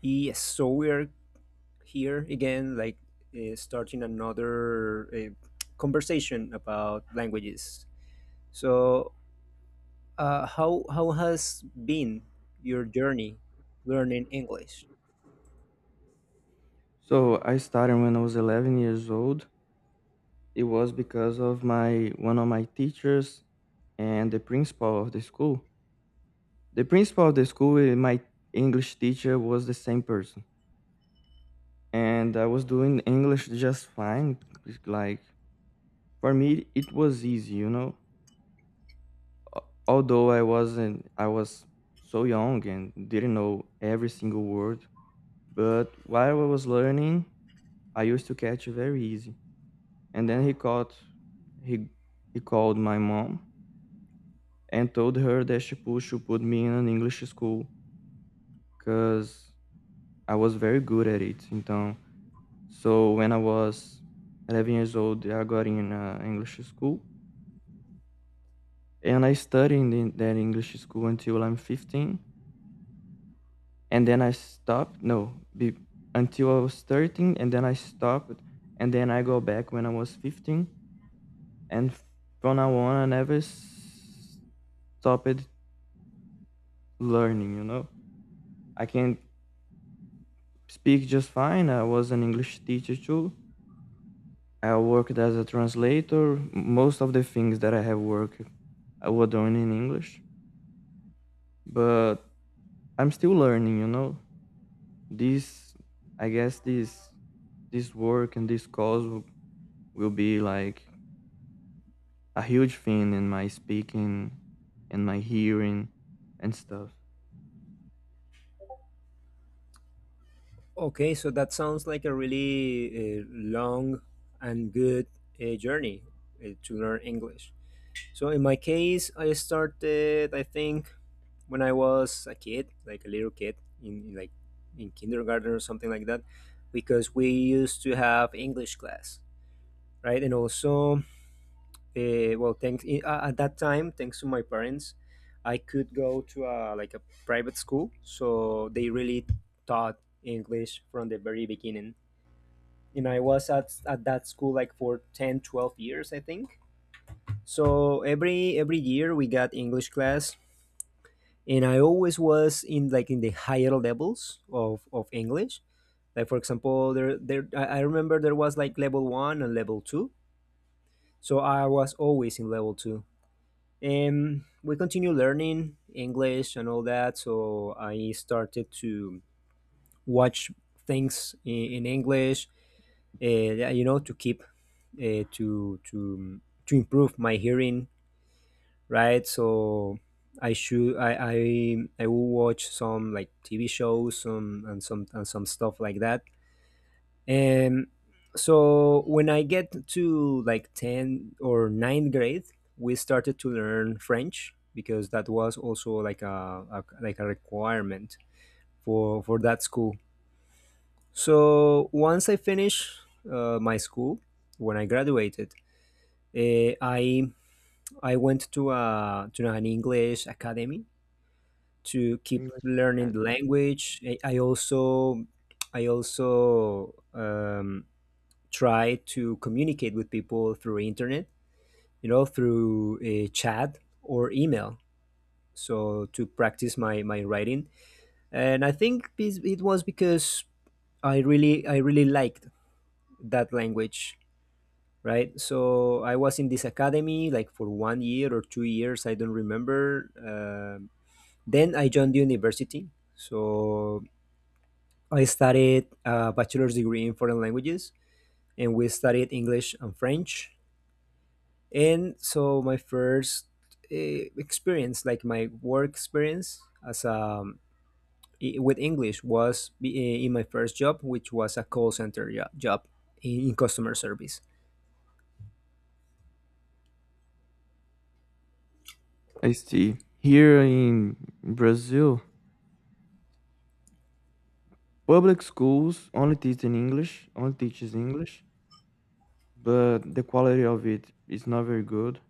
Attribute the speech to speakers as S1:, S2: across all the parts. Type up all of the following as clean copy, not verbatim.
S1: Yes, so we are here again, like starting another conversation about languages. So, how has been your journey learning English?
S2: So I started when I was 11 years old. It was because of my one of my teachers and the principal of the school. The principal of the school, my English teacher, was the same person, and I was doing English just fine. It's like for me, it was easy, you know. Although I wasn't, I was so young and didn't know every single word. But while I was learning, I used to catch very easy. And then he caught he he called my mom and told her that should put me in an English school because I was very good at it. So when I was 11 years old, I got in an English school and I studied in that English school until I'm 15. And then I stopped. No, be, until I was 13 and then I stopped. And then I go back when I was 15. And from now on, I never s- stopped learning, you know? I can speak just fine. I was an English teacher too. I worked as a translator. Most of the things that I have worked, I was doing in English. But I'm still learning, you know. This, this work and this cause will be like a huge thing in my speaking and my hearing and stuff.
S1: Okay, so that sounds like a really long and good journey to learn English. So, in my case, I started, I think. When I was a kid, like a little kid like in kindergarten or something like that, because we used to have English class, right? And also, well, at that time, thanks to my parents, I could go to like a private school, so they really taught English from the very beginning. And I was at that school like for 10, 12 years, I think. So every year we got English class and I always was in like in the higher levels of English. Like for example, there I remember there was like level one and level two, so I was always in level two. And we continue learning English and all that, so I started to watch things in English, uh, you know, to keep to improve my hearing, right? So I should I will watch some like TV shows some and some and some stuff like that. And so when I get to like 10 or ninth grade, we started to learn French because that was also like a like a requirement for that school. So once I finished my school, when I graduated, uh, I I went to a to an English academy to keep
S2: English
S1: learning the
S2: academy.
S1: language. I also I also try to communicate with people through internet, you know, through a chat or email. So to practice my writing, and I think it was because I really liked that language, right? So I was in this academy like for one year or 2 years, I don't remember. Then I joined the university. So I studied a bachelor's degree in foreign languages, and we studied English and French. And so my first experience, like my work experience as a with English, was in my first job, which was a call center job in customer service.
S2: I see. Here in Brazil, public schools only only teaches English, but the quality of it is not very good.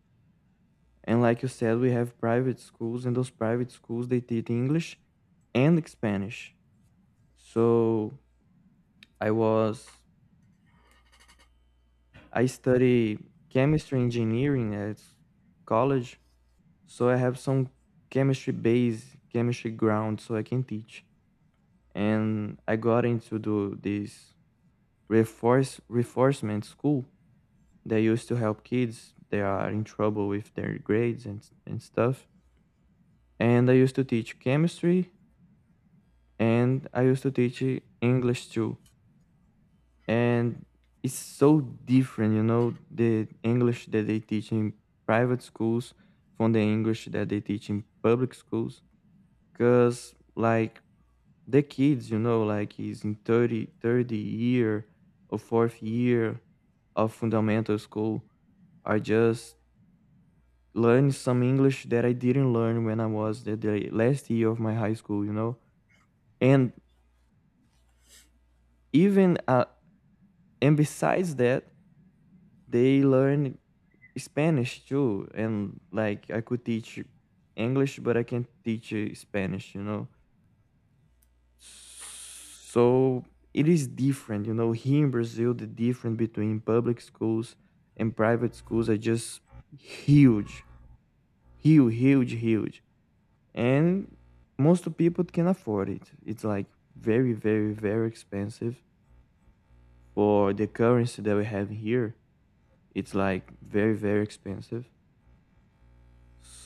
S2: And like you said, we have private schools, and those private schools they teach English and Spanish. So I was I study chemistry engineering at college, so I have some chemistry ground, so I can teach. And I got into this reinforcement school. They used to help kids. They are in trouble with their grades and stuff and I used to teach chemistry and I used to teach English too. And it's so different, you know, the English that they teach in private schools from the English that they teach in public schools. Because, like, the kids, you know, like he's in 30 year or fourth year of fundamental school are just learning some English that I didn't learn when I was the last year of my high school, you know? And even and besides that they learn Spanish too, and like I could teach English but I can't teach Spanish, you know. So it is different, you know. Here in Brazil the difference between public schools and private schools are just huge, huge, huge, huge, and most people can afford it. It's like very, very, very expensive for the currency that we have here. It's like very, very expensive.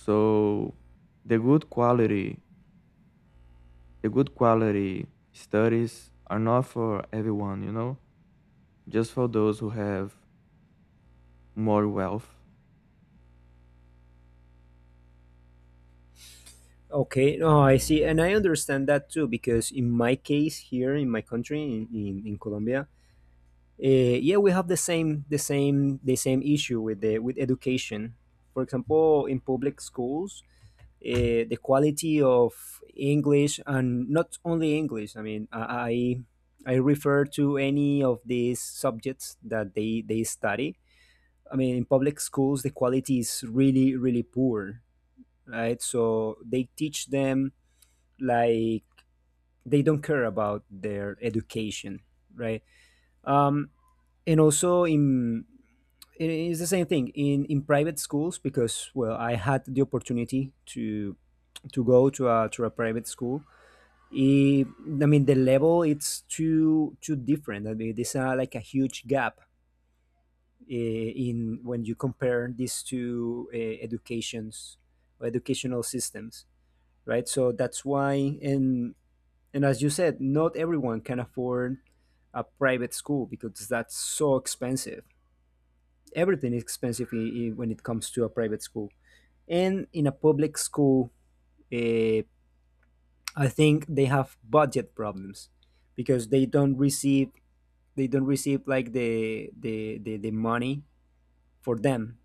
S2: So the good quality the good quality studies are not for everyone, you know, just for those who have more wealth.
S1: Okay, no, I see, and I understand that too because in my case here in my country in Colombia, uh, yeah, we have the same issue with the with education. For example, in public schools, the quality of English and not only English. I mean, I refer to any of these subjects that they study. I mean, in public schools, the quality is really poor, right? So they teach them like they don't care about their education, right? Um, and also in it is the same thing in private schools because well, I had the opportunity to go to a private school, it, I mean the level, it's too different. I mean there's like a huge gap, eh, in when you compare these two educations or educational systems, right? So that's why, and and as you said, not everyone can afford a private school because that's so expensive. Everything is expensive when it comes to a private school. And in a public school, uh, I think they have budget problems because they don't receive like the money for them,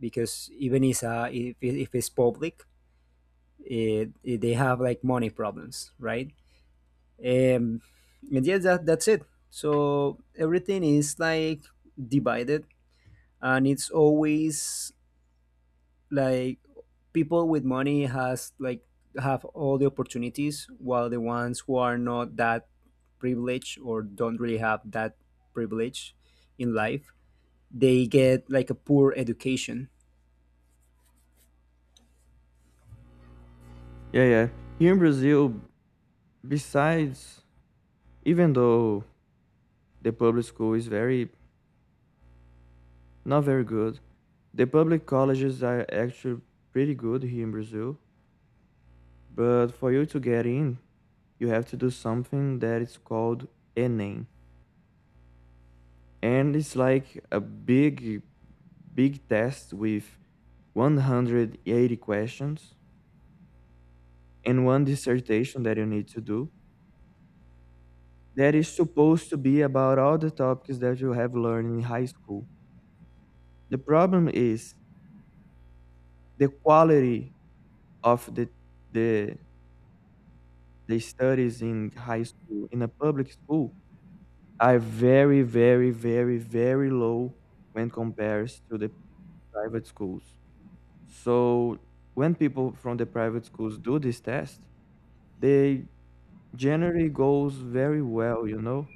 S1: because even is a, if, it- if it's public, they have like money problems, right? Um, and yeah, that's it. So everything is like divided, and it's always like people with money has, like, have all the opportunities, while the ones who are not that privileged or don't really have that privilege in life, they get like a poor education.
S2: Yeah, yeah, here in Brazil, besides even though the public school is very not very good, the public colleges are actually pretty good here in Brazil. But for you to get in you have to do something that is called ENEM, and it's like a big, big test with 180 questions and one dissertation that you need to do that is supposed to be about all the topics that you have learned in high school. The problem is the quality of the the studies in high school in a public school are very, very, very, very low when compared to the private schools. So when people from the private schools do this test, they generally goes very well, you know.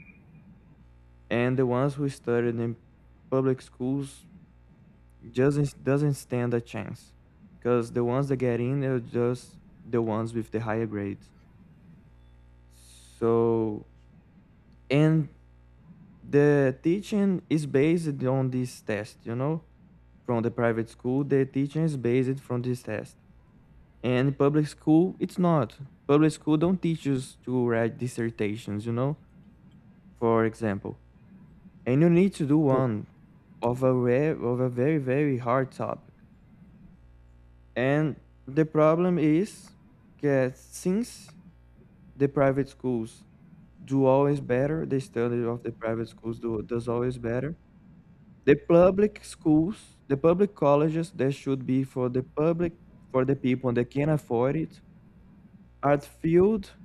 S2: And the ones who studied in public schools doesn't stand a chance, because the ones that get in are just the ones with the higher grades. So and the teaching is based on this test, you know. From the private school, the teaching is based from this test. And in public school, it's not. Public school don't teach us to write dissertations, you know, for example. And you need to do
S1: Okay.
S2: one of a rare of a very, very hard topic. And the problem is that, since the private schools do always better, the study of the private schools do, does always better the public schools, the public colleges, they should be for the public, for the people that can afford it, are filled,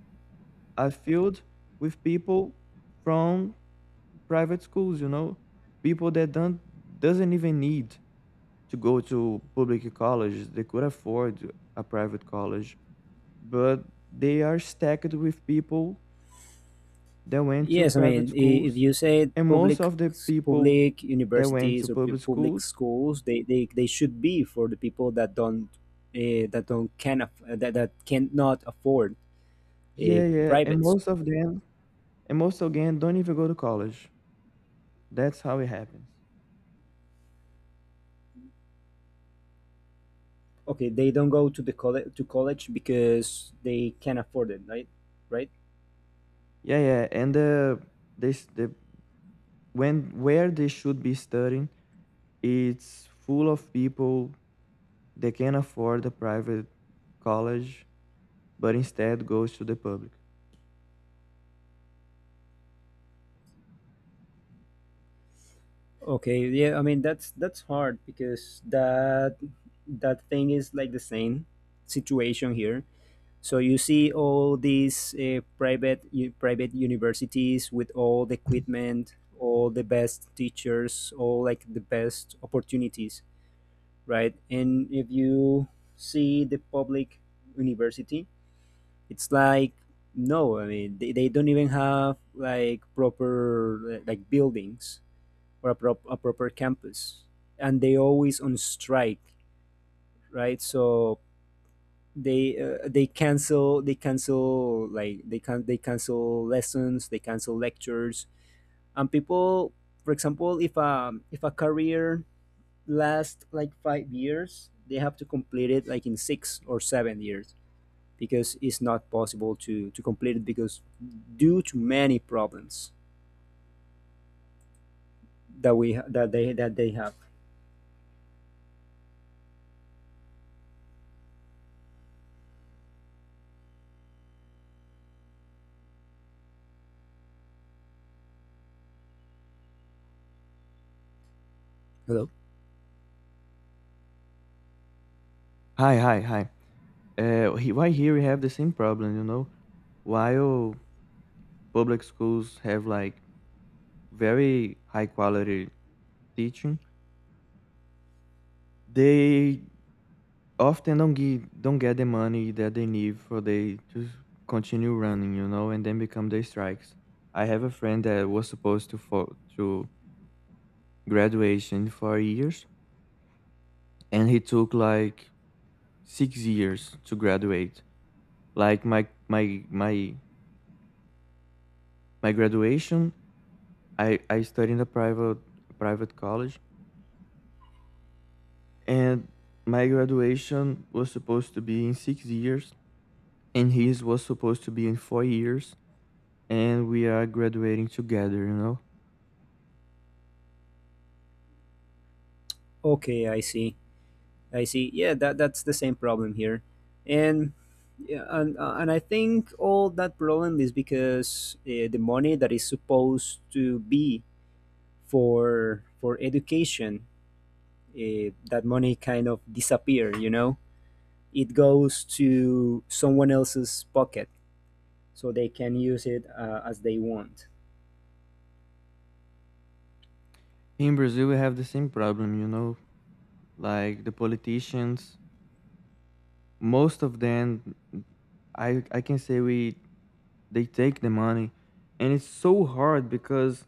S2: are filled with people from private schools, you know, people that don't doesn't even need to go to public colleges. They could afford a private college, but they are stacked with people that went to
S1: Yes, I
S2: private
S1: mean, if
S2: schools,
S1: you say
S2: and most
S1: public,
S2: of the people
S1: public
S2: that went
S1: universities
S2: to
S1: or
S2: public
S1: public
S2: schools,
S1: schools, they should be for the people that don't can aff- that, that cannot afford
S2: yeah, yeah, and
S1: private.
S2: most of them, and most again, don't even go to college. That's how it happens.
S1: Okay, they don't go to the college, to college because they can't afford it, right? Right?
S2: Yeah, yeah, and the this the when where they should be studying, it's full of people they can afford a private college but instead goes to the public.
S1: Okay, yeah. I mean, that's hard because that that thing is like the same situation here. So you see all these private universities with all the equipment, all the best teachers, all like the best opportunities, right? And if you see the public university, it's like no, I mean, they don't even have like proper like buildings or a proper campus, and they always on strike, right? So they cancel like they can they cancel lessons, they cancel lectures, and people, for example, if a career lasts like 5 years, they have to complete it like in 6 or 7 years because it's not possible to complete it because due to many problems that they have. Hello.
S2: Hi, hi, hi. Why here we have the same problem, you know? While public schools have like very high quality teaching, they often don't get the money that they need for they to continue running, you know, and then become the strikes. I have a friend that was supposed to to graduation in 4 years, and he took like 6 years to graduate. Like my graduation, I studied in a private college and my graduation was supposed to be in 6 years and his was supposed to be in 4 years and we are graduating together, you know.
S1: Okay, I see. I see. Yeah, that that's the same problem here, and yeah, and I think all that problem is because the money that is supposed to be for education, that money kind of disappear. You know, it goes to someone else's pocket, so they can use it as they want.
S2: In Brazil we have the same problem, you know, like the politicians, most of them, I can say we they take the money. And it's so hard because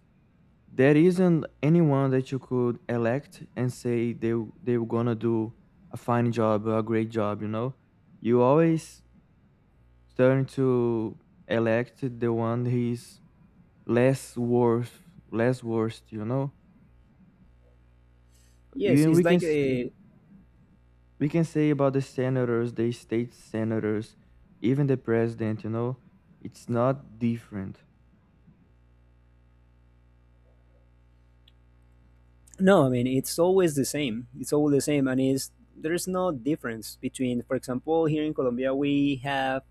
S2: there isn't anyone that you could elect and say they were gonna do a fine job or a great job, you know. You always turn to elect the one he's less worth less worst, you know.
S1: Yes,
S2: Even
S1: it's
S2: We can
S1: like
S2: say,
S1: a
S2: we can say about the senators, the state senators, even the president, you know, it's not different.
S1: no. I mean, it's always the same. It's always the same, and it's there's no difference between, for example, here in Colombia we have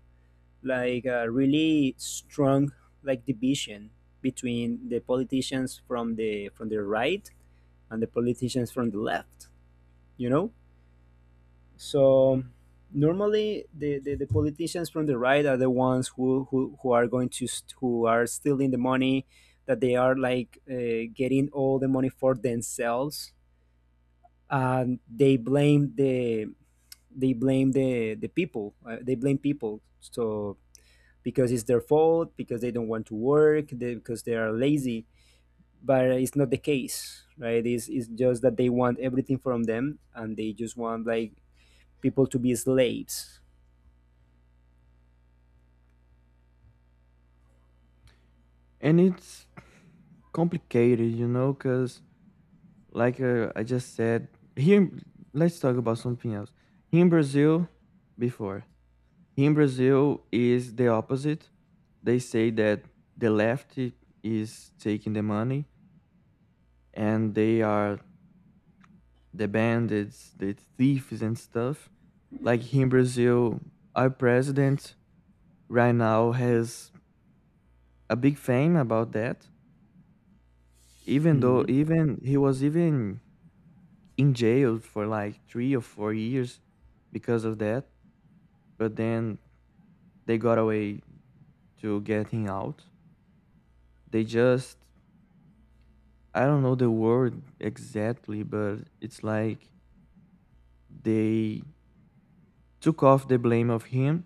S1: like a really strong like division between the politicians from the right and the politicians from the left. You know, so normally the politicians from the right are the ones who are going who are stealing the money, that they are like, getting all the money for themselves, and they blame the, they blame the people, they blame people, so because it's their fault because they don't want to work, because they are lazy, but it's not the case, right? It's just that they want everything from them and they just want like people to be slaves.
S2: And it's complicated, you know, because, like, I just said, here, in- let's talk about something else. Here in Brazil, before, here in Brazil is the opposite. They say that the left is taking the money and they are the bandits, the thieves, and stuff. Like here in Brazil, our president right now has a big fame about that. Even though,
S1: Hmm.
S2: even He was even in jail for like 3 or 4 years because of that. But then they got away to getting out. They just, I don't know the word exactly, but it's like they took off the blame of him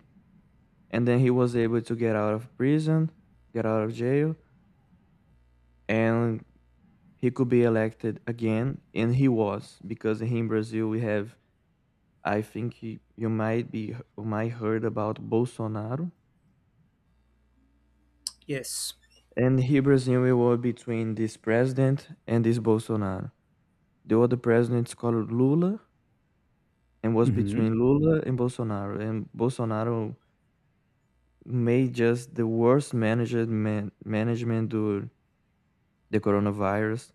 S2: and then he was able to get out of prison, get out of jail, and he could be elected again and he was, because here in Brazil we have, I think he, you might heard about Bolsonaro.
S1: Yes.
S2: And here Brazil we were between this president and this Bolsonaro. The other president's called Lula, and was
S1: Hmm.
S2: between Lula and Bolsonaro made just the management during the coronavirus.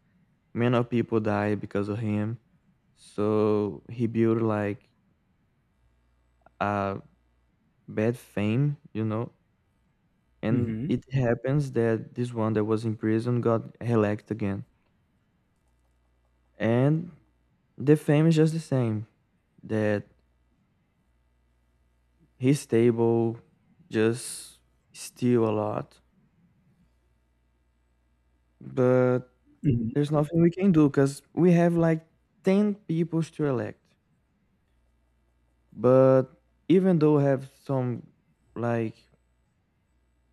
S2: Many of people died because of him. So he built like a bad fame, you know. And
S1: Hmm.
S2: it happens that this one that was in prison got elected again. And the fame is just the same, that he's stable, just steal a lot. But
S1: Hmm.
S2: there's nothing we can do because we have like 10 people to elect. But even though we have some like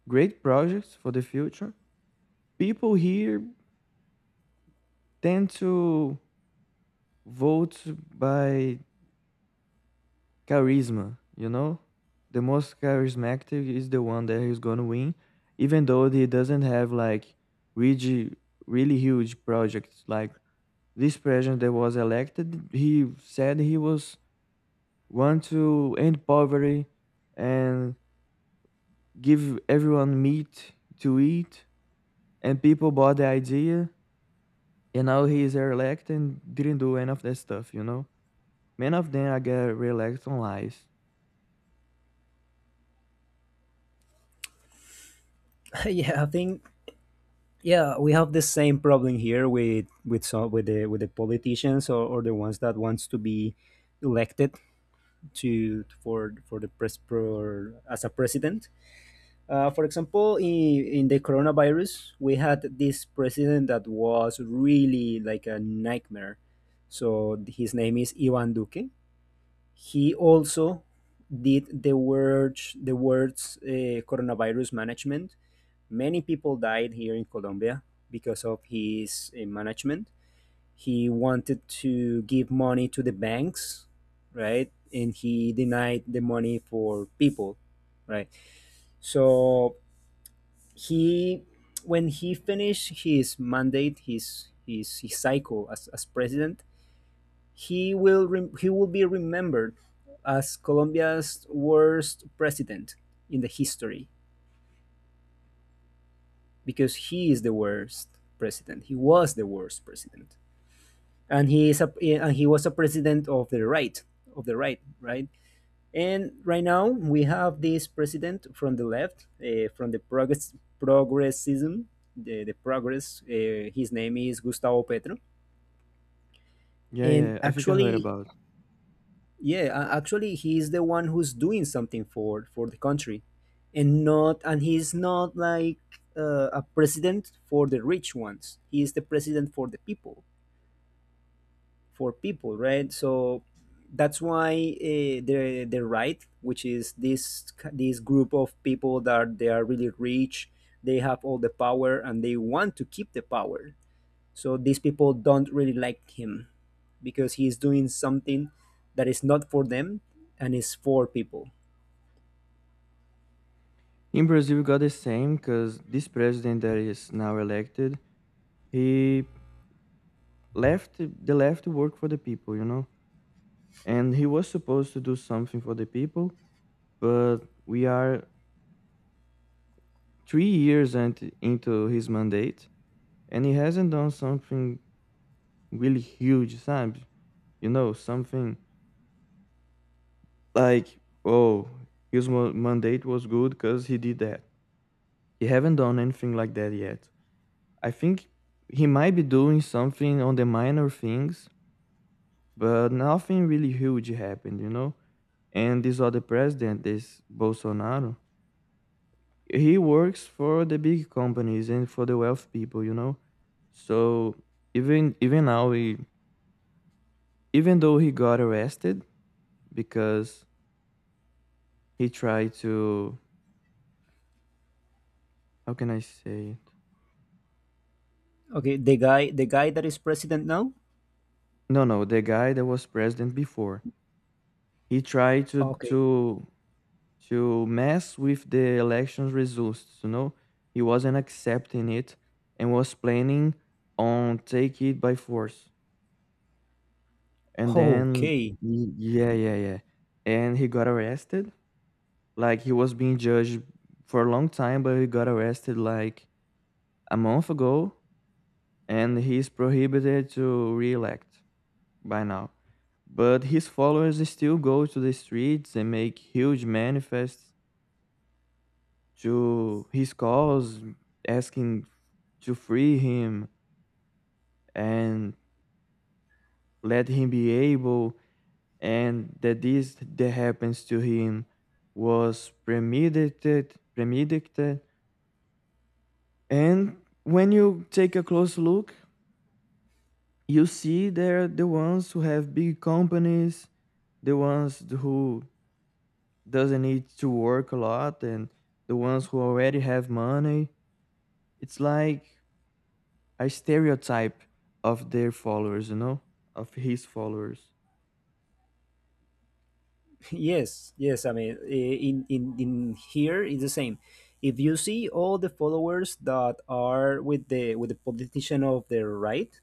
S2: great projects for the future, people here tend to vote by charisma, you know? The most charismatic is the one that is going to win, even though he doesn't have like really, really huge projects. Like this president that was elected, he said he was want to end poverty and give everyone meat to eat. And people bought the idea, and now he is re-elected and didn't do any of that stuff, you know? Many of them are get re-elected on lies.
S1: Yeah, I think yeah, we have the same problem here with some with the politicians, or the ones that wants to be elected to for the press for as a president. For example, in the coronavirus, we had this president that was really like a nightmare. So his name is Ivan Duque. He also did the words coronavirus management. Many people died here in Colombia because of his management. He wanted to give money to the banks, right? And he denied the money for people, right? So he, when he finished his mandate, his cycle as president, he will be remembered as Colombia's worst president in the history, because he is the worst president. He was the worst president, and he is a and he was a president of the right, right? And right now we have this president from the left, from the progress, progressism, the progress. His name is Gustavo Petro,
S2: Yeah,
S1: and
S2: yeah, I think I heard
S1: actually,
S2: about.
S1: yeah, actually, he's the one who's doing something for the country, and not and he's not like a president for the rich ones. He is the president for the people, for people, right? So that's why the right, which is this group of people that they are really rich, they have all the power and they want to keep the power, so these people don't really like him because he is doing something that is not for them and is for people.
S2: In Brazil, we got the same because this president that is now elected, he left the left to work for the people, you know? And he was supposed to do something for the people, but we are 3 years into his mandate and he hasn't done something really huge Sam. You know, something like, oh, his mandate was good because he did that. He haven't done anything like that yet, I think. He might be doing something on the minor things but nothing really huge happened, you know. And this other president, this Bolsonaro, he works for the big companies and for the wealth people, you know. So even even now he, even though he got arrested because he tried to, how can I say it?
S1: Okay, the guy, the guy that is president now?
S2: No, no, the guy that was president before. He tried to
S1: Okay.
S2: to to mess with the election results, you know. He wasn't accepting it and was planning on take it by force. And then
S1: Okay.
S2: yeah, yeah, yeah. And he got arrested. Like he was being judged for a long time, but he got arrested like a month ago and he's prohibited to re-elect by now. But his followers still go to the streets and make huge manifests to his cause, asking to free him and let him be able, and that this that happens to him was premeditated. And when you take a close look, you see they're the ones who have big companies, the ones who doesn't need to work a lot, and the ones who already have money. It's like a stereotype of their followers, you know, of his followers.
S1: Yes, yes. I mean, in here it's the same. If you see all the followers that are with the politician of the right,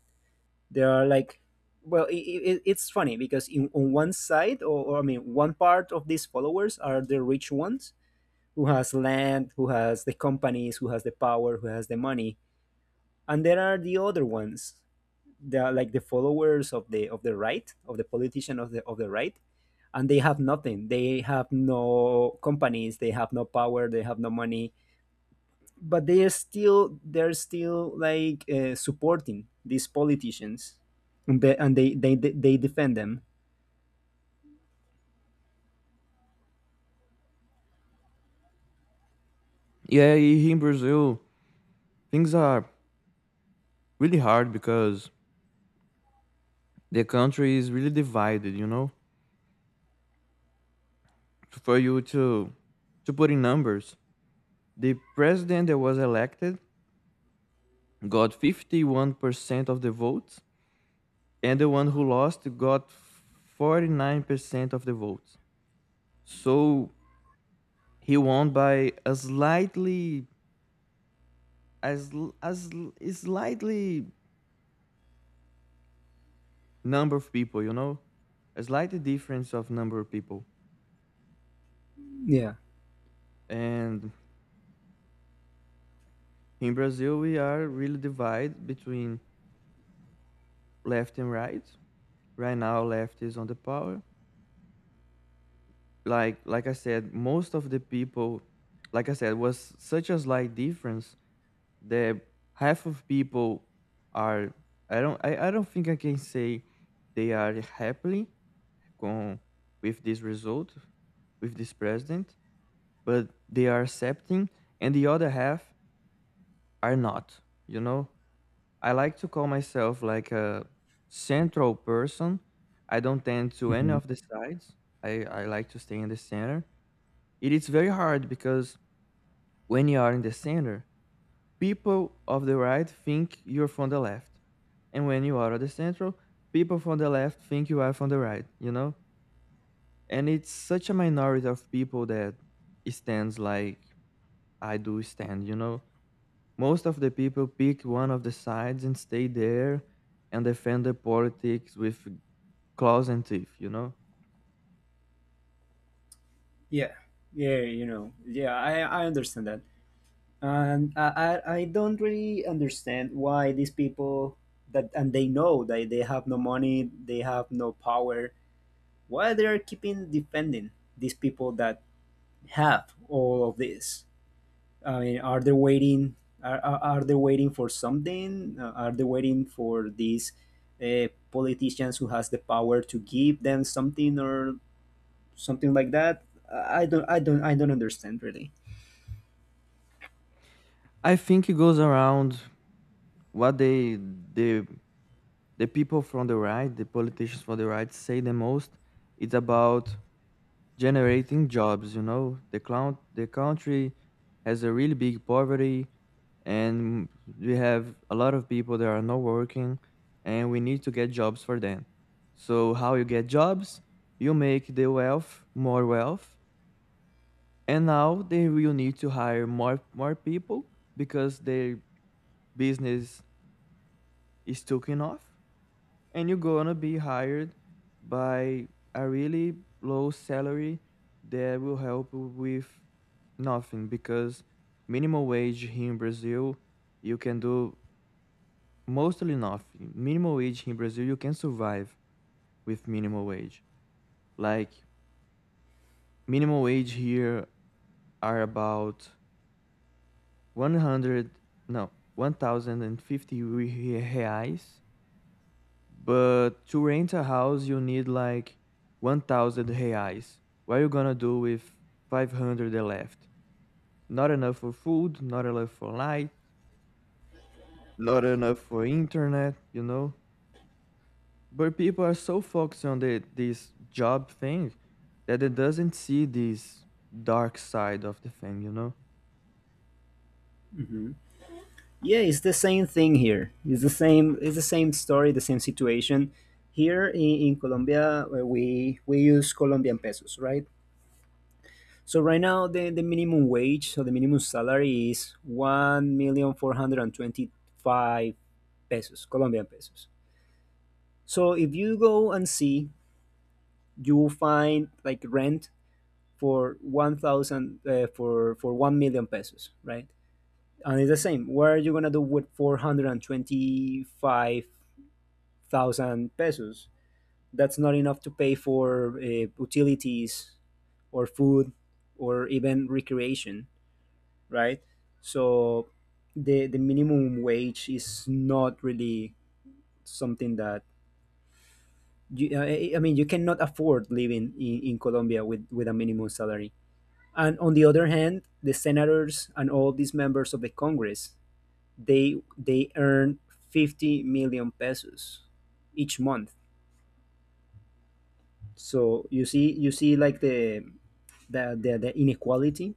S1: they are like, well, I it's funny because in on one side, or I mean, one part of these followers are the rich ones, who has land, who has the companies, who has the power, who has the money. And there are the other ones, they are like the followers of the right, of the politician of the right, and they have nothing. They have no companies, they have no power, they have no money, but they are still they're still like supporting these politicians, and they defend them.
S2: Yeah, here in Brazil things are really hard because the country is really divided, you know. For you to put in numbers, the president that was elected got 51% of the votes and the one who lost got 49% of the votes. So he won by a slightly, a slightly number of people, you know, a slight difference of number of people.
S1: Yeah.
S2: And in Brazil, we are really divided between left and right. Right now, left is on the power. Like I said, most of the people, like I said, was such a slight difference that half of people are. I don't. I don't think I can say they are happily con with this result, with this president, but they are accepting, and the other half are not, you know. I like to call myself like a central person. I don't tend to any
S1: Mhm.
S2: of the sides. I like to stay in the center. It is very hard because when you are in the center, people of the right think you're from the left, and when you are at the central, people from the left think you are from the right, you know. And it's such a minority of people that stands like I do stand. You know, most of the people pick one of the sides and stay there and defend the politics with claws and teeth. You know,
S1: Yeah. Yeah, you know. Yeah, I understand that. And I don't really understand why these people that and they know that they have no money, they have no power, why they are keeping defending these people that have all of this. I mean, are they waiting? Are they waiting for something? Are they waiting for these politicians who has the power to give them something or something like that? I don't understand really.
S2: I think it goes around what the the people from the right, the politicians from the right, say the most. It's about generating jobs, you know. The country has a really big poverty, and we have a lot of people that are not working, and we need to get jobs for them. So how you get jobs? You make the wealth more wealth, and now they will need to hire more people because their business is taking off, and you're gonna be hired by a really low salary that will help you with nothing, because minimum wage here in Brazil you can do mostly nothing. Minimum wage here in Brazil you can survive with minimum wage. Like minimum wage here are about 100, no, 1050 reais. But to rent a house, you need like 1,000 reais. What are you gonna do with 500 left? Not enough for food, not enough for light, not enough for internet, you know? But people are so focused on the, this job thing, that they doesn't see this dark side of the thing, you know?
S1: Yeah, it's the same thing here. It's the same. It's the same story, the same situation. Here in, in Colombia, we use Colombian pesos, right? So right now, the minimum wage, so the minimum salary is one million four hundred and twenty five pesos, Colombian pesos. So if you go and see, you will find like rent for 1,000 for 1,000,000 pesos, right? And it's the same. What are you gonna do with 425,000 pesos. That's not enough to pay for utilities or food or even recreation, right? So the minimum wage is not really something that you, I mean you cannot afford living in Colombia with a minimum salary. And on the other hand, the senators and all these members of the Congress, they earn 50 million pesos each month. So you see like the inequality